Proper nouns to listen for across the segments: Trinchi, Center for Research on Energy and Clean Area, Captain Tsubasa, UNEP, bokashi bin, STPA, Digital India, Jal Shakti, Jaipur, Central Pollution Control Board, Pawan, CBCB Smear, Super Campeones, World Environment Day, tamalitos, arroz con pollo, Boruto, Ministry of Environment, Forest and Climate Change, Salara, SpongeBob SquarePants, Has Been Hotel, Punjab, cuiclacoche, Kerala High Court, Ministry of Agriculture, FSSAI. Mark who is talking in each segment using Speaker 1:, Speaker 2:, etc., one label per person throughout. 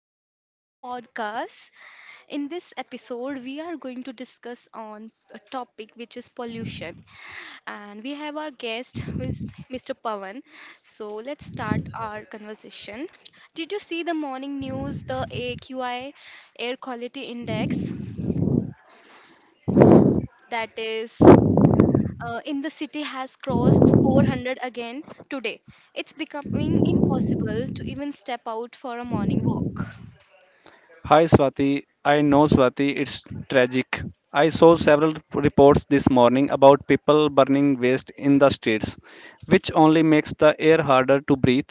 Speaker 1: welcome to our podcast. In this episode, we are going to discuss on a topic which is pollution, and we have our guest who is Mr. Pawan. So let's start our conversation. Did you see the morning news, the AQI air quality index that is in the city has crossed 400 again today? It's becoming impossible to even step out for a morning walk.
Speaker 2: Hi Swati, I know Swati, it's tragic. I saw several reports this morning about people burning waste in the streets, which only makes the air harder to breathe.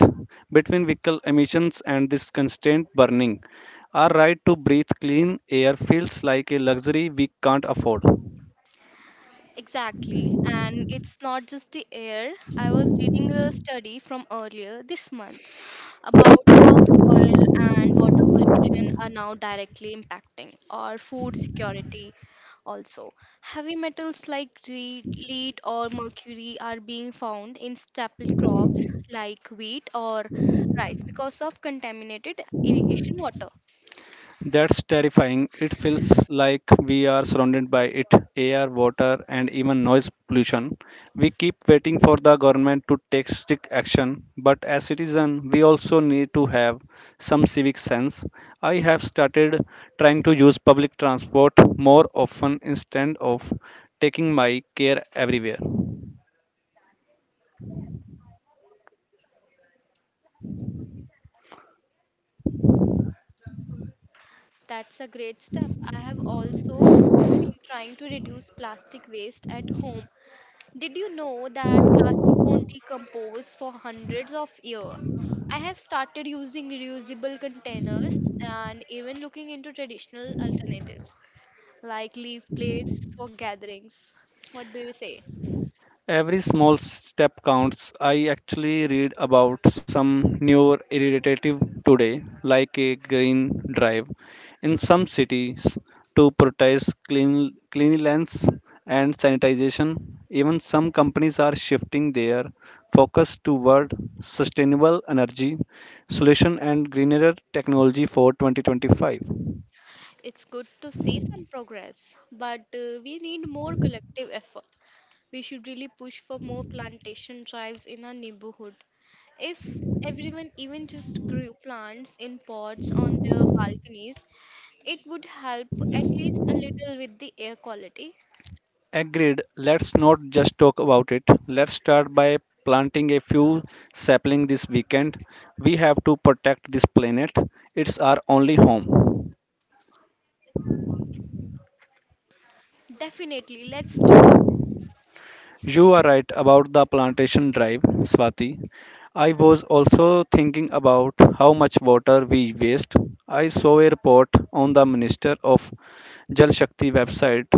Speaker 2: Between vehicle emissions and this constant burning, our right to breathe clean air feels like a luxury we can't afford.
Speaker 1: Exactly. And it's not just the air. I was reading a study from earlier this month about how soil and water pollution are now directly impacting our food security also. Heavy metals like lead or mercury are being found in staple crops like wheat or rice because of contaminated irrigation water.
Speaker 2: That's terrifying. It feels like we are surrounded by it: air, water, and even noise pollution. We keep waiting for the government to take strict action, but as citizens, we also need to have some civic sense. I have started trying to use public transport more often instead of taking my care everywhere.
Speaker 1: That's a great step. I have also been trying to reduce plastic waste at home. Did you know that plastic won't decompose for hundreds of years? I have started using reusable containers and even looking into traditional alternatives like leaf plates for gatherings. What do you say?
Speaker 2: Every small step counts. I actually read about some newer initiative today, like a green drive in some cities to prioritize cleanliness and sanitization. Even some companies are shifting their focus toward sustainable energy solution and greener technology for 2025.
Speaker 1: It's good to see some progress, but we need more collective effort. We should really push for more plantation drives in our neighborhood. If everyone even just grew plants in pots on their balconies, it would help at least a little with the air quality.
Speaker 2: Agreed. Let's not just talk about it. Let's start by planting a few saplings this weekend. We have to protect this planet. It's our only home.
Speaker 1: Definitely, let's do.
Speaker 2: You are right about the plantation drive, Swati. I was also thinking about how much water we waste. I saw a report on the Minister of Jal Shakti website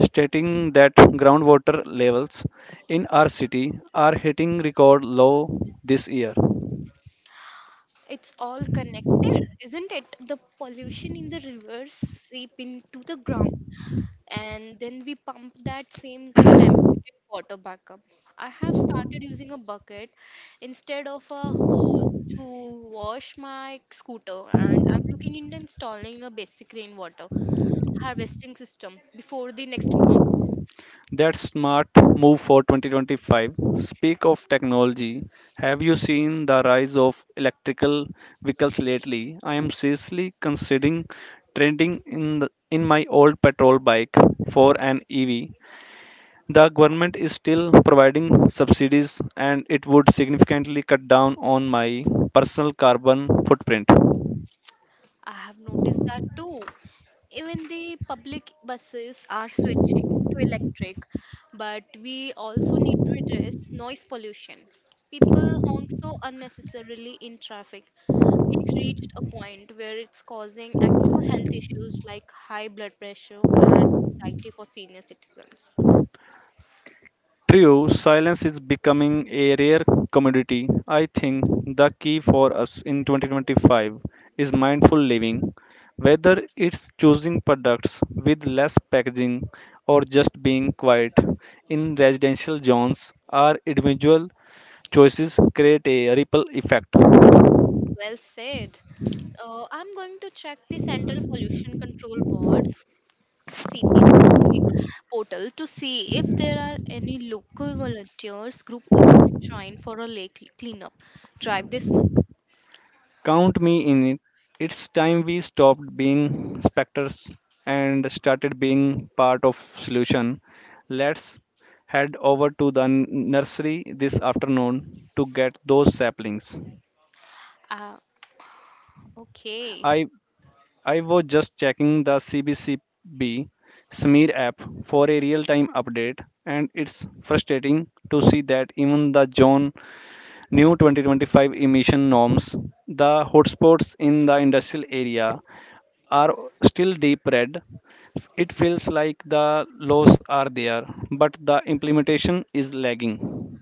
Speaker 2: stating that groundwater levels in our city are hitting record low this year.
Speaker 1: It's all connected, isn't it? The pollution in the rivers seep into the ground, and then we pump that same contaminated water back up. I have started using a bucket instead of a hose to wash my scooter, and I'm looking into installing a basic rainwater harvesting system before the next monsoon.
Speaker 2: That's smart move for 2025. Speak of technology, have you seen the rise of electrical vehicles lately? I am seriously considering trading in in my old petrol bike for an EV. The government is still providing subsidies and it would significantly cut down on my personal carbon footprint.
Speaker 1: I have noticed that too. Even the public buses are switching to electric, but we also need to address noise pollution. People honk so unnecessarily in traffic. It's reached a point where it's causing actual health issues like high blood pressure and anxiety for senior citizens.
Speaker 2: True, silence is becoming a rare commodity. I think the key for us in 2025 is mindful living, whether it's choosing products with less packaging or just being quiet. In residential zones, our individual choices create a ripple effect.
Speaker 1: Well said. I'm going to check the Central Pollution Control Board, CPC portal, to see if there are any local volunteers group we can join for a lake cleanup drive this month.
Speaker 2: Count me in it. It's time we stopped being specters and started being part of solution. Let's head over to the nursery this afternoon to get those saplings.
Speaker 1: Ah, okay,
Speaker 2: I I was just checking the CBCB Smear app for a real-time update, and it's frustrating to see that even the John new 2025 emission norms, the hotspots in the industrial area are still deep red. It feels like the laws are there, but the implementation is lagging.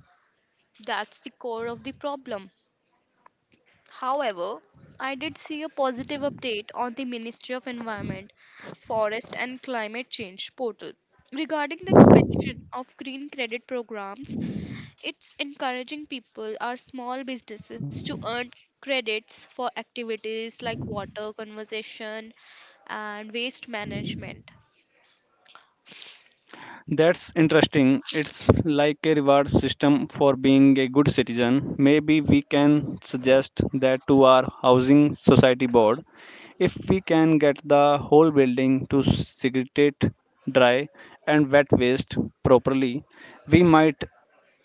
Speaker 1: that's the core of the problem. However, I did see a positive update on the Ministry of Environment, Forest and Climate Change portal regarding the expansion of green credit programs. It's encouraging people or small businesses to earn credits for activities like water conservation and waste management.
Speaker 2: That's interesting. It's like a reward system for being a good citizen. Maybe we can suggest that to our housing society board. If we can get the whole building to segregate dry and wet waste properly, we might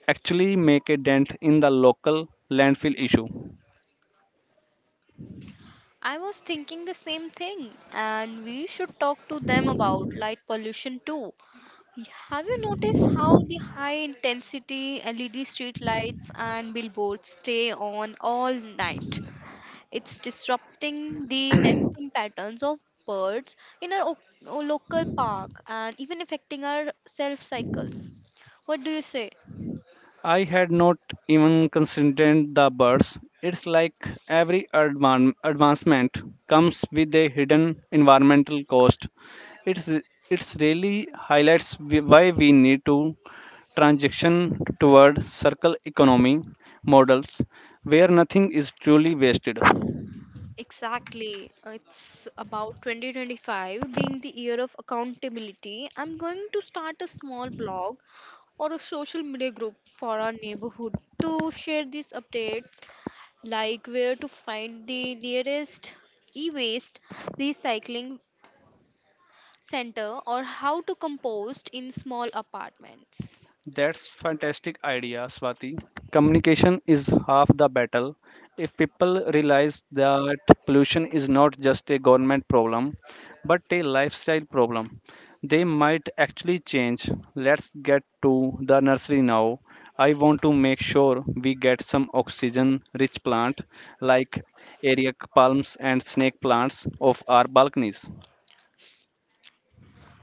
Speaker 2: actually make a dent in the local landfill issue.
Speaker 1: I was thinking the same thing, and we should talk to them about light pollution too. Have you noticed how the high intensity LED street lights and billboards stay on all night? It's disrupting the nesting patterns of birds in our local park and even affecting our self cycles. What do you say?
Speaker 2: I had not even considered the birds. It's like every advancement comes with a hidden environmental cost. It's it's really highlights why we need to transition toward circle economy models where nothing is truly wasted.
Speaker 1: Exactly. It's about 2025 being the year of accountability. I'm going to start a small blog or a social media group for our neighborhood to share these updates, like where to find the nearest e-waste recycling center or how to compost in small apartments.
Speaker 2: That's fantastic idea, Swati. Communication is half the battle. If people realize that pollution is not just a government problem, but a lifestyle problem, they might actually change. Let's get to the nursery now. I want to make sure we get some oxygen rich plant like eric palms and snake plants off our balconies.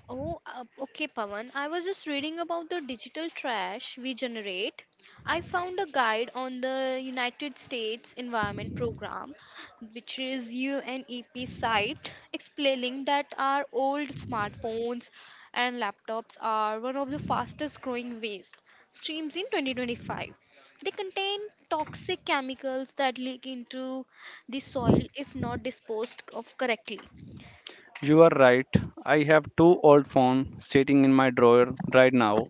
Speaker 1: Oh, okay, Pawan. I was just reading about the digital trash we generate. I found a guide on the United States Environment Program, which is UNEP site, explaining that our old smartphones and laptops are one of the fastest growing waste streams in 2025. They contain toxic chemicals that leak into the soil if not disposed of correctly.
Speaker 2: You are right. I have two old phones sitting in my drawer right now.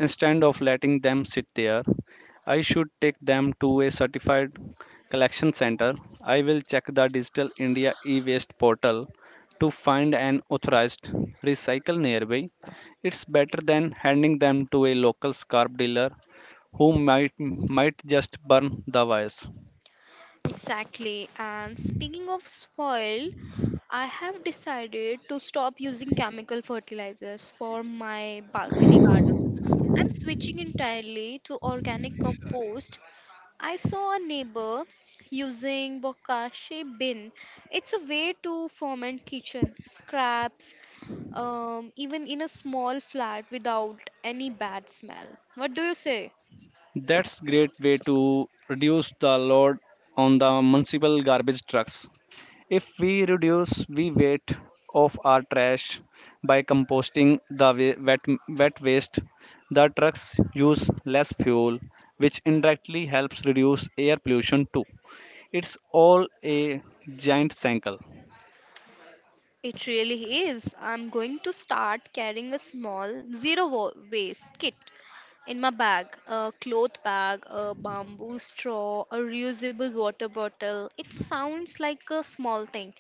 Speaker 2: Instead of letting them sit there, I should take them to a certified collection center. I will check the Digital India e-waste portal to find an authorized recycle nearby. It's better than handing them to a local scrap dealer who might just burn the wires.
Speaker 1: Exactly. And speaking of soil, I have decided to stop using chemical fertilizers for my balcony garden. I'm switching entirely to organic compost. I saw a neighbor using bokashi bin. It's a way to ferment kitchen scraps, even in a small flat without any bad smell. What do you say?
Speaker 2: That's great way to reduce the load on the municipal garbage trucks. If we reduce the weight of our trash by composting the wet waste, the trucks use less fuel, which indirectly helps reduce air pollution too. It's all a giant cycle.
Speaker 1: It really is. I'm going to start carrying a small waste kit in my bag: a cloth bag, a bamboo straw, a reusable water bottle. It sounds like a small thing,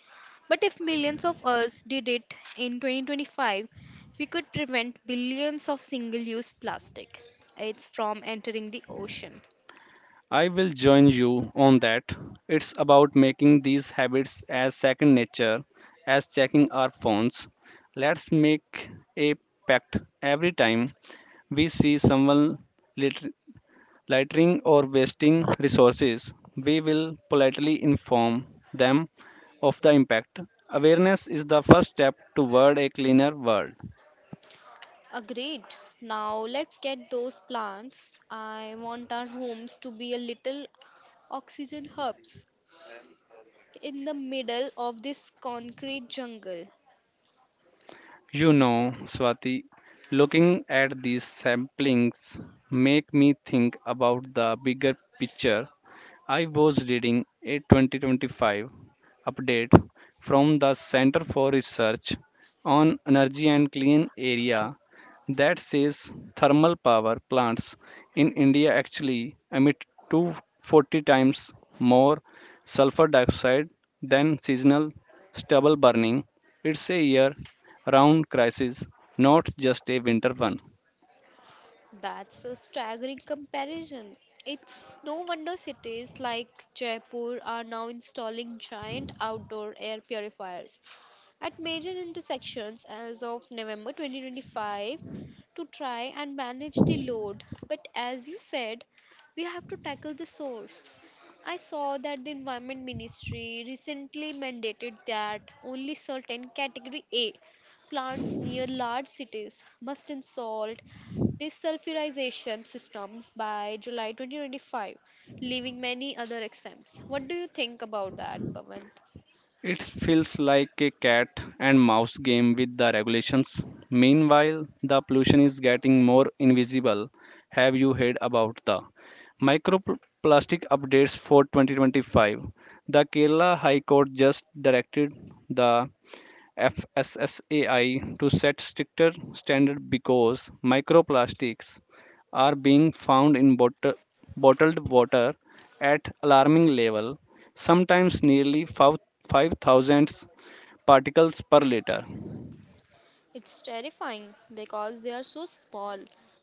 Speaker 1: but if millions of us did it in 2025, we could prevent billions of single use plastic. It's from entering the ocean.
Speaker 2: I will join you on that. It's about making these habits as second nature as checking our phones. Let's make a pact every time we see someone litter- littering or wasting resources. We will politely inform them of the impact. Awareness is the first step toward a cleaner world.
Speaker 1: Agreed. Now let's get those plants. I want our homes to be a little oxygen hubs in the middle of this concrete jungle.
Speaker 2: You know, Swati, looking at these samplings make me think about the bigger picture. I was reading a 2025 update from the Center for Research on Energy and Clean Area that says thermal power plants in India actually emit 240 times more sulfur dioxide than seasonal stubble burning. It's a year round crisis, not just a winter one.
Speaker 1: That's a staggering comparison. It's no wonder cities like Jaipur are now installing giant outdoor air purifiers at major intersections as of November 2025 to try and manage the load. But as you said, we have to tackle the source. I saw that the Environment Ministry recently mandated that only certain category A plants near large cities must install desulfurization systems by July 2025, leaving many other exempts. What do you think about that, Pavan?
Speaker 2: It feels like a cat and mouse game with the regulations. Meanwhile, the pollution is getting more invisible. Have you heard about the microplastic updates for 2025? The Kerala High Court just directed the FSSAI to set stricter standard because microplastics are being found in bottled water at alarming level, sometimes nearly 5 5,000 particles per liter.
Speaker 1: It's terrifying because they are so small.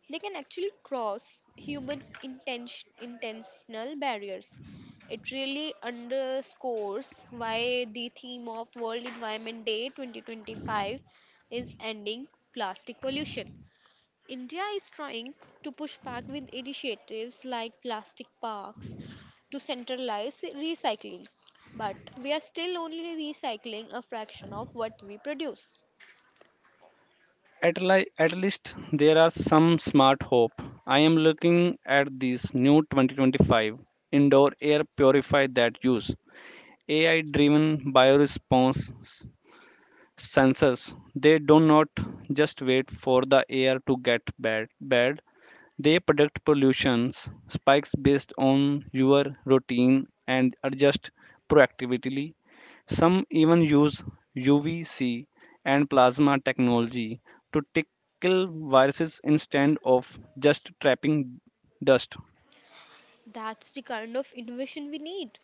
Speaker 1: They can actually cross human intentional barriers. It really underscores why the theme of World Environment Day 2025 is ending plastic pollution. India is trying to push back with initiatives like plastic parks to centralize recycling, but we are still only recycling a fraction of what we produce.
Speaker 2: At least there are some smart hope. I am looking at this new 2025 indoor air purifier that use AI driven bioresponse sensors. They do not just wait for the air to get bad. They predict pollutions spikes based on your routine and adjust proactively. Some even use UVC and plasma technology to tickle viruses instead of just trapping dust.
Speaker 1: That's the kind of innovation we need.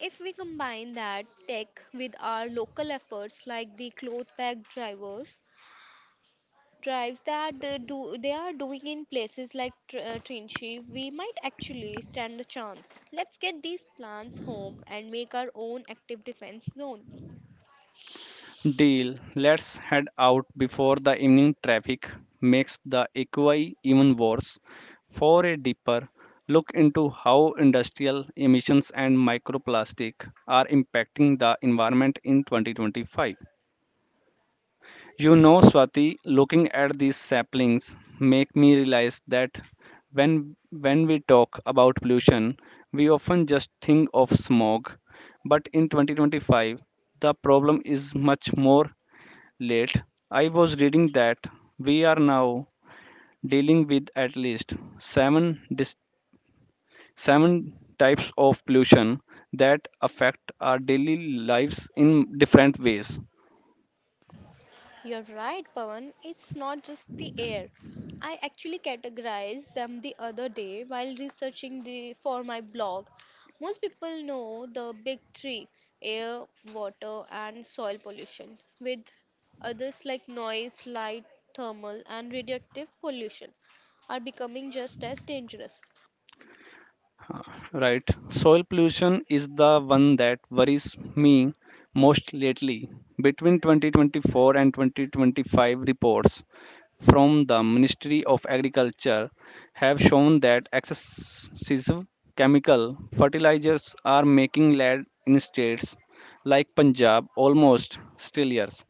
Speaker 1: If we combine that tech with our local efforts like the cloth bag drivers drives that they are doing in places like Trinchi, we might actually stand a chance. Let's get these plants home and make our own active defense zone.
Speaker 2: Deal. Let's head out before the evening traffic makes the equi even worse. For a deeper look into how industrial emissions and microplastic are impacting the environment in 2025. You know, Swati, looking at these saplings make me realize that when we talk about pollution, we often just think of smog, but in 2025 the problem is much more late. I was reading that we are now dealing with at least seven types of pollution that affect our daily lives in different ways.
Speaker 1: You're right, Pawan. It's not just the air. I actually categorized them the other day while researching the for my blog. Most people know the big three: air, water, and soil pollution, with others like noise, light, thermal, and radioactive pollution are becoming just as dangerous.
Speaker 2: Right. Soil pollution is the one that worries me most lately. Between 2024 and 2025 reports from the Ministry of Agriculture have shown that excessive chemical fertilizers are making land in states like Punjab almost sterilized.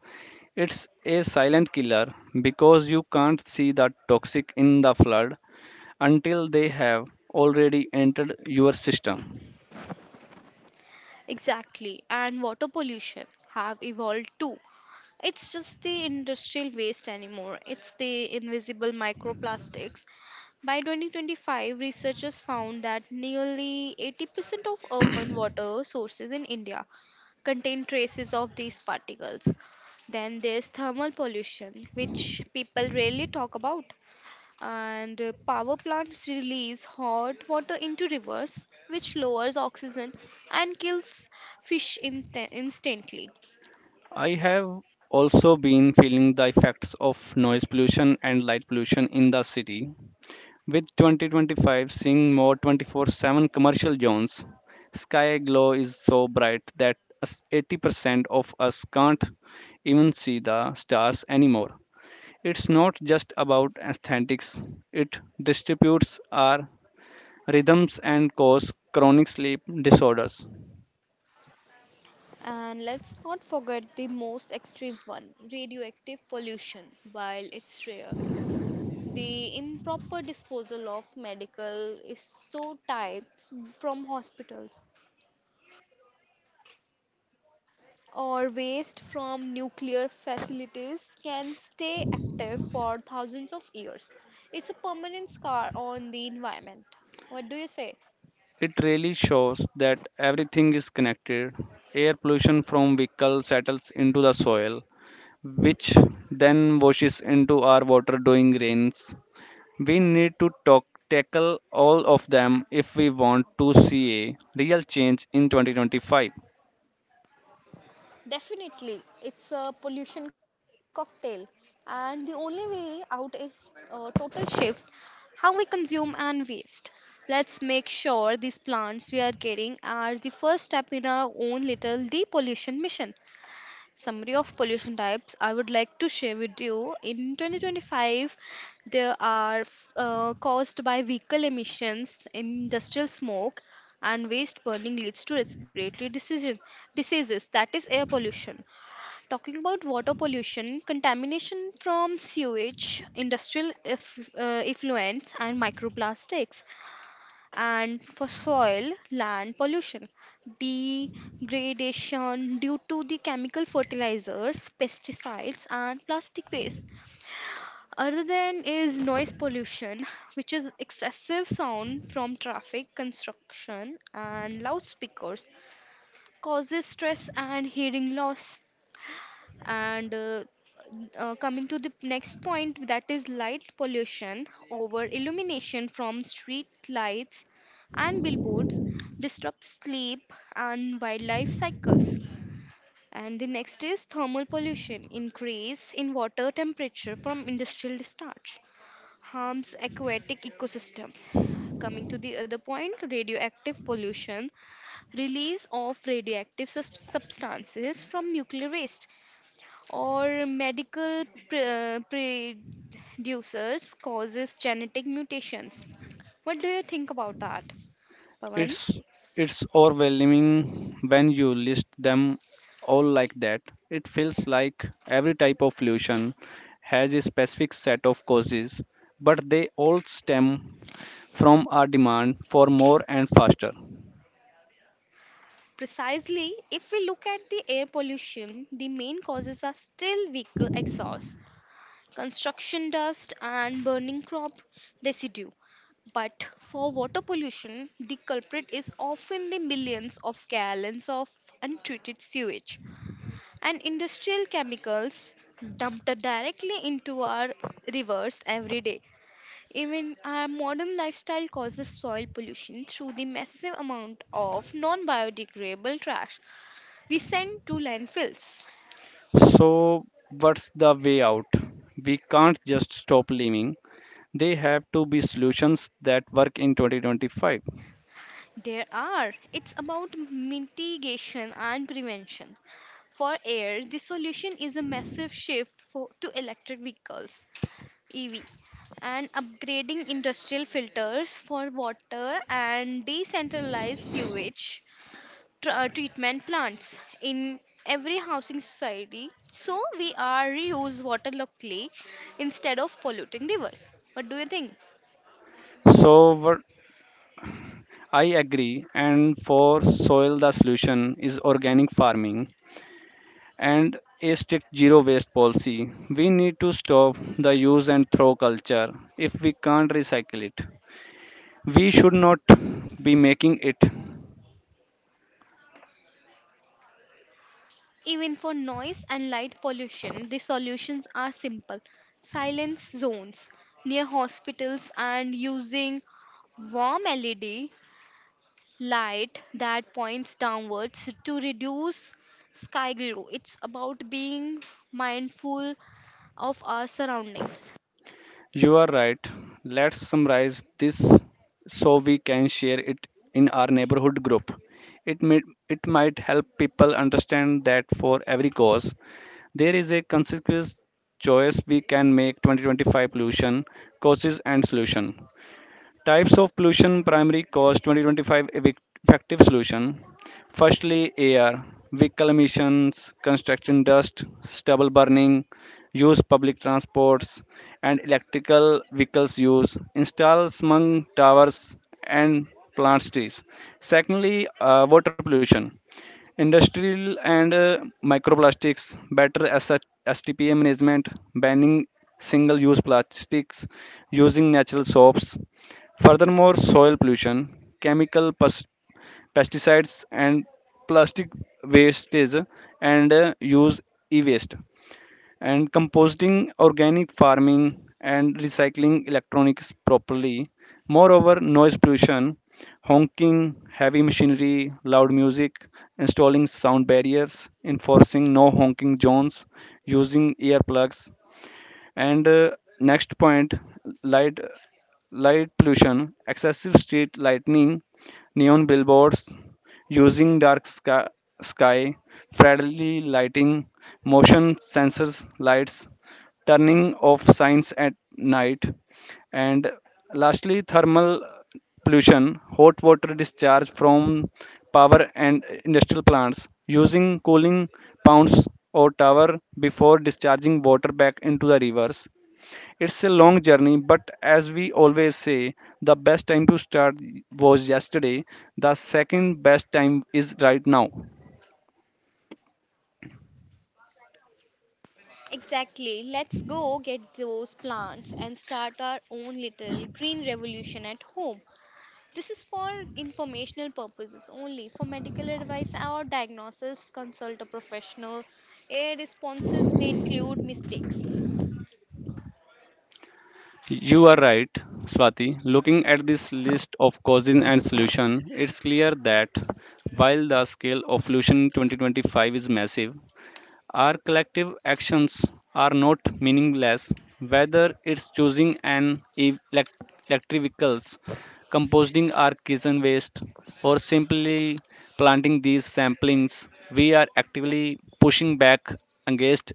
Speaker 2: It's a silent killer because you can't see the toxic in the flood until they have already entered your system.
Speaker 1: Exactly, and water pollution have evolved too. It's just the industrial waste anymore, it's the invisible microplastics. By 2025, researchers found that nearly 80% of urban water sources in India contain traces of these particles. Then there's thermal pollution, which people rarely talk about, and power plants release hot water into rivers which lowers oxygen and kills fish instantly.
Speaker 2: I have also been feeling the effects of noise pollution and light pollution in the city. With 2025 seeing more 24/7 commercial zones, sky glow is so bright that 80% of us can't even see the stars anymore. It's not just about aesthetics, it distributes our rhythms and causes chronic sleep disorders.
Speaker 1: And let's not forget the most extreme one, radioactive pollution. While it's rare, the improper disposal of medical isotypes from hospitals or waste from nuclear facilities can stay active for thousands of years. It's a permanent scar on the environment. What do you say?
Speaker 2: It really shows that everything is connected. Air pollution from vehicles settles into the soil, which then washes into our water during rains. We need to tackle all of them if we want to see a real change in 2025.
Speaker 1: Definitely, it's a pollution cocktail, and the only way out is a total shift how we consume and waste. Let's make sure these plants we are getting are the first step in our own little depollution mission. Summary of pollution types I would like to share with you in 2025. There are caused by vehicle emissions, industrial smoke and waste burning, leads to respiratory diseases, that is air pollution. Talking about water pollution, contamination from sewage, industrial effluents and microplastics, and for soil land pollution, degradation due to the chemical fertilizers, pesticides and plastic waste. Other than is noise pollution, which is excessive sound from traffic, construction and loudspeakers, causes stress and hearing loss. And coming to the next point, that is light pollution, over illumination from street lights and billboards, disrupts sleep and wildlife cycles. And the next is thermal pollution, increase in water temperature from industrial discharge, harms aquatic ecosystems. Coming to the other point, radioactive pollution, release of radioactive substances from nuclear waste or medical pre- uh, producers, causes genetic mutations. What do you think about that, Pawan?
Speaker 2: It's it's overwhelming when you list them all like that. It feels like every type of pollution has a specific set of causes, but they all stem from our demand for more and faster.
Speaker 1: Precisely, if we look at the air pollution, the main causes are still vehicle exhaust, construction dust, and burning crop residue. But for water pollution, the culprit is often the millions of gallons of untreated sewage and industrial chemicals dumped directly into our rivers every day. Even our modern lifestyle causes soil pollution through the massive amount of non biodegradable trash we send to landfills.
Speaker 2: So what's the way out? We can't just stop living. They have to be solutions that work in 2025.
Speaker 1: There are, it's about mitigation and prevention. For air, the solution is a massive shift to electric vehicles, EV, and upgrading industrial filters. For water and decentralized sewage treatment plants in every housing society so we are reuse water locally instead of polluting rivers. What do you think?
Speaker 2: So what I agree, and for soil the solution is organic farming and a strict zero waste policy. We need to stop the use and throw culture. If we can't recycle it, we should not be making it.
Speaker 1: Even for noise and light pollution, the solutions are simple: silence zones near hospitals and using warm LED light that points downwards to reduce sky glow. It's about being mindful of our surroundings.
Speaker 2: You are right. Let's summarize this so we can share it in our neighborhood group. It, may, it might help people understand that for every cause, there is a consequence choice we can make. 2025 pollution causes and solution. Types of pollution, primary cause, 2025 effective solution. Firstly, air, vehicle emissions, construction dust, stubble burning, use public transports and electrical vehicles use, install smog towers and plant trees. Secondly, water pollution. Industrial and microplastics, better asset STPA management, banning single use plastics, using natural soaps. Furthermore, soil pollution, chemical pesticides, and plastic wastage, and use e waste and composting, organic farming and recycling electronics properly. Moreover, noise pollution, honking, heavy machinery, loud music, installing sound barriers, enforcing no honking zones, using earplugs. And next point, light light pollution, excessive street lightning, neon billboards, using dark sky friendly lighting, motion sensors lights, turning off signs at night. And lastly, thermal pollution, hot water discharge from power and industrial plants, using cooling ponds or tower before discharging water back into the rivers. It's a long journey, but as we always say, the best time to start was yesterday. The second best time is right now.
Speaker 1: Exactly. Let's go get those plants and start our own little green revolution at home. This is for informational purposes only. For medical advice or diagnosis, consult a professional. Air responses may include mistakes.
Speaker 2: You are right, Swati. Looking at this list of causes and solution, it's clear that while the scale of pollution in 2025 is massive, our collective actions are not meaningless, whether it's choosing an electric vehicles, composting our kitchen waste, or simply planting these samplings. We are actively pushing back against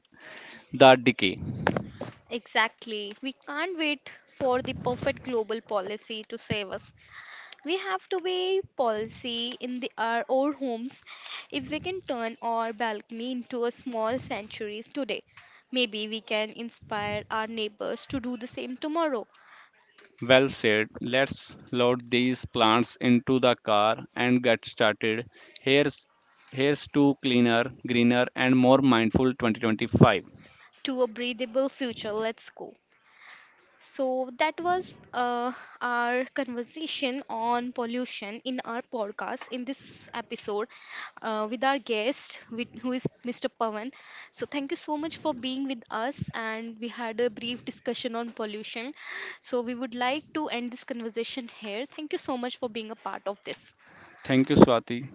Speaker 2: the decay.
Speaker 1: Exactly. We can't wait for the perfect global policy to save us. We have to be policy in our own homes. If we can turn our balcony into a small sanctuary today, maybe we can inspire our neighbors to do the same tomorrow.
Speaker 2: Well said. Let's load these plants into the car and get started. Here's here's to cleaner, greener, and more mindful 2025.
Speaker 1: To a breathable future, let's go. So, that was our conversation on pollution in our podcast in this episode, with our who is Mr. Pawan. So, thank you so much for being with us. And we had a brief discussion on pollution. So, we would like to end this conversation here. Thank you so much for being a part of this.
Speaker 2: Thank you, Swati.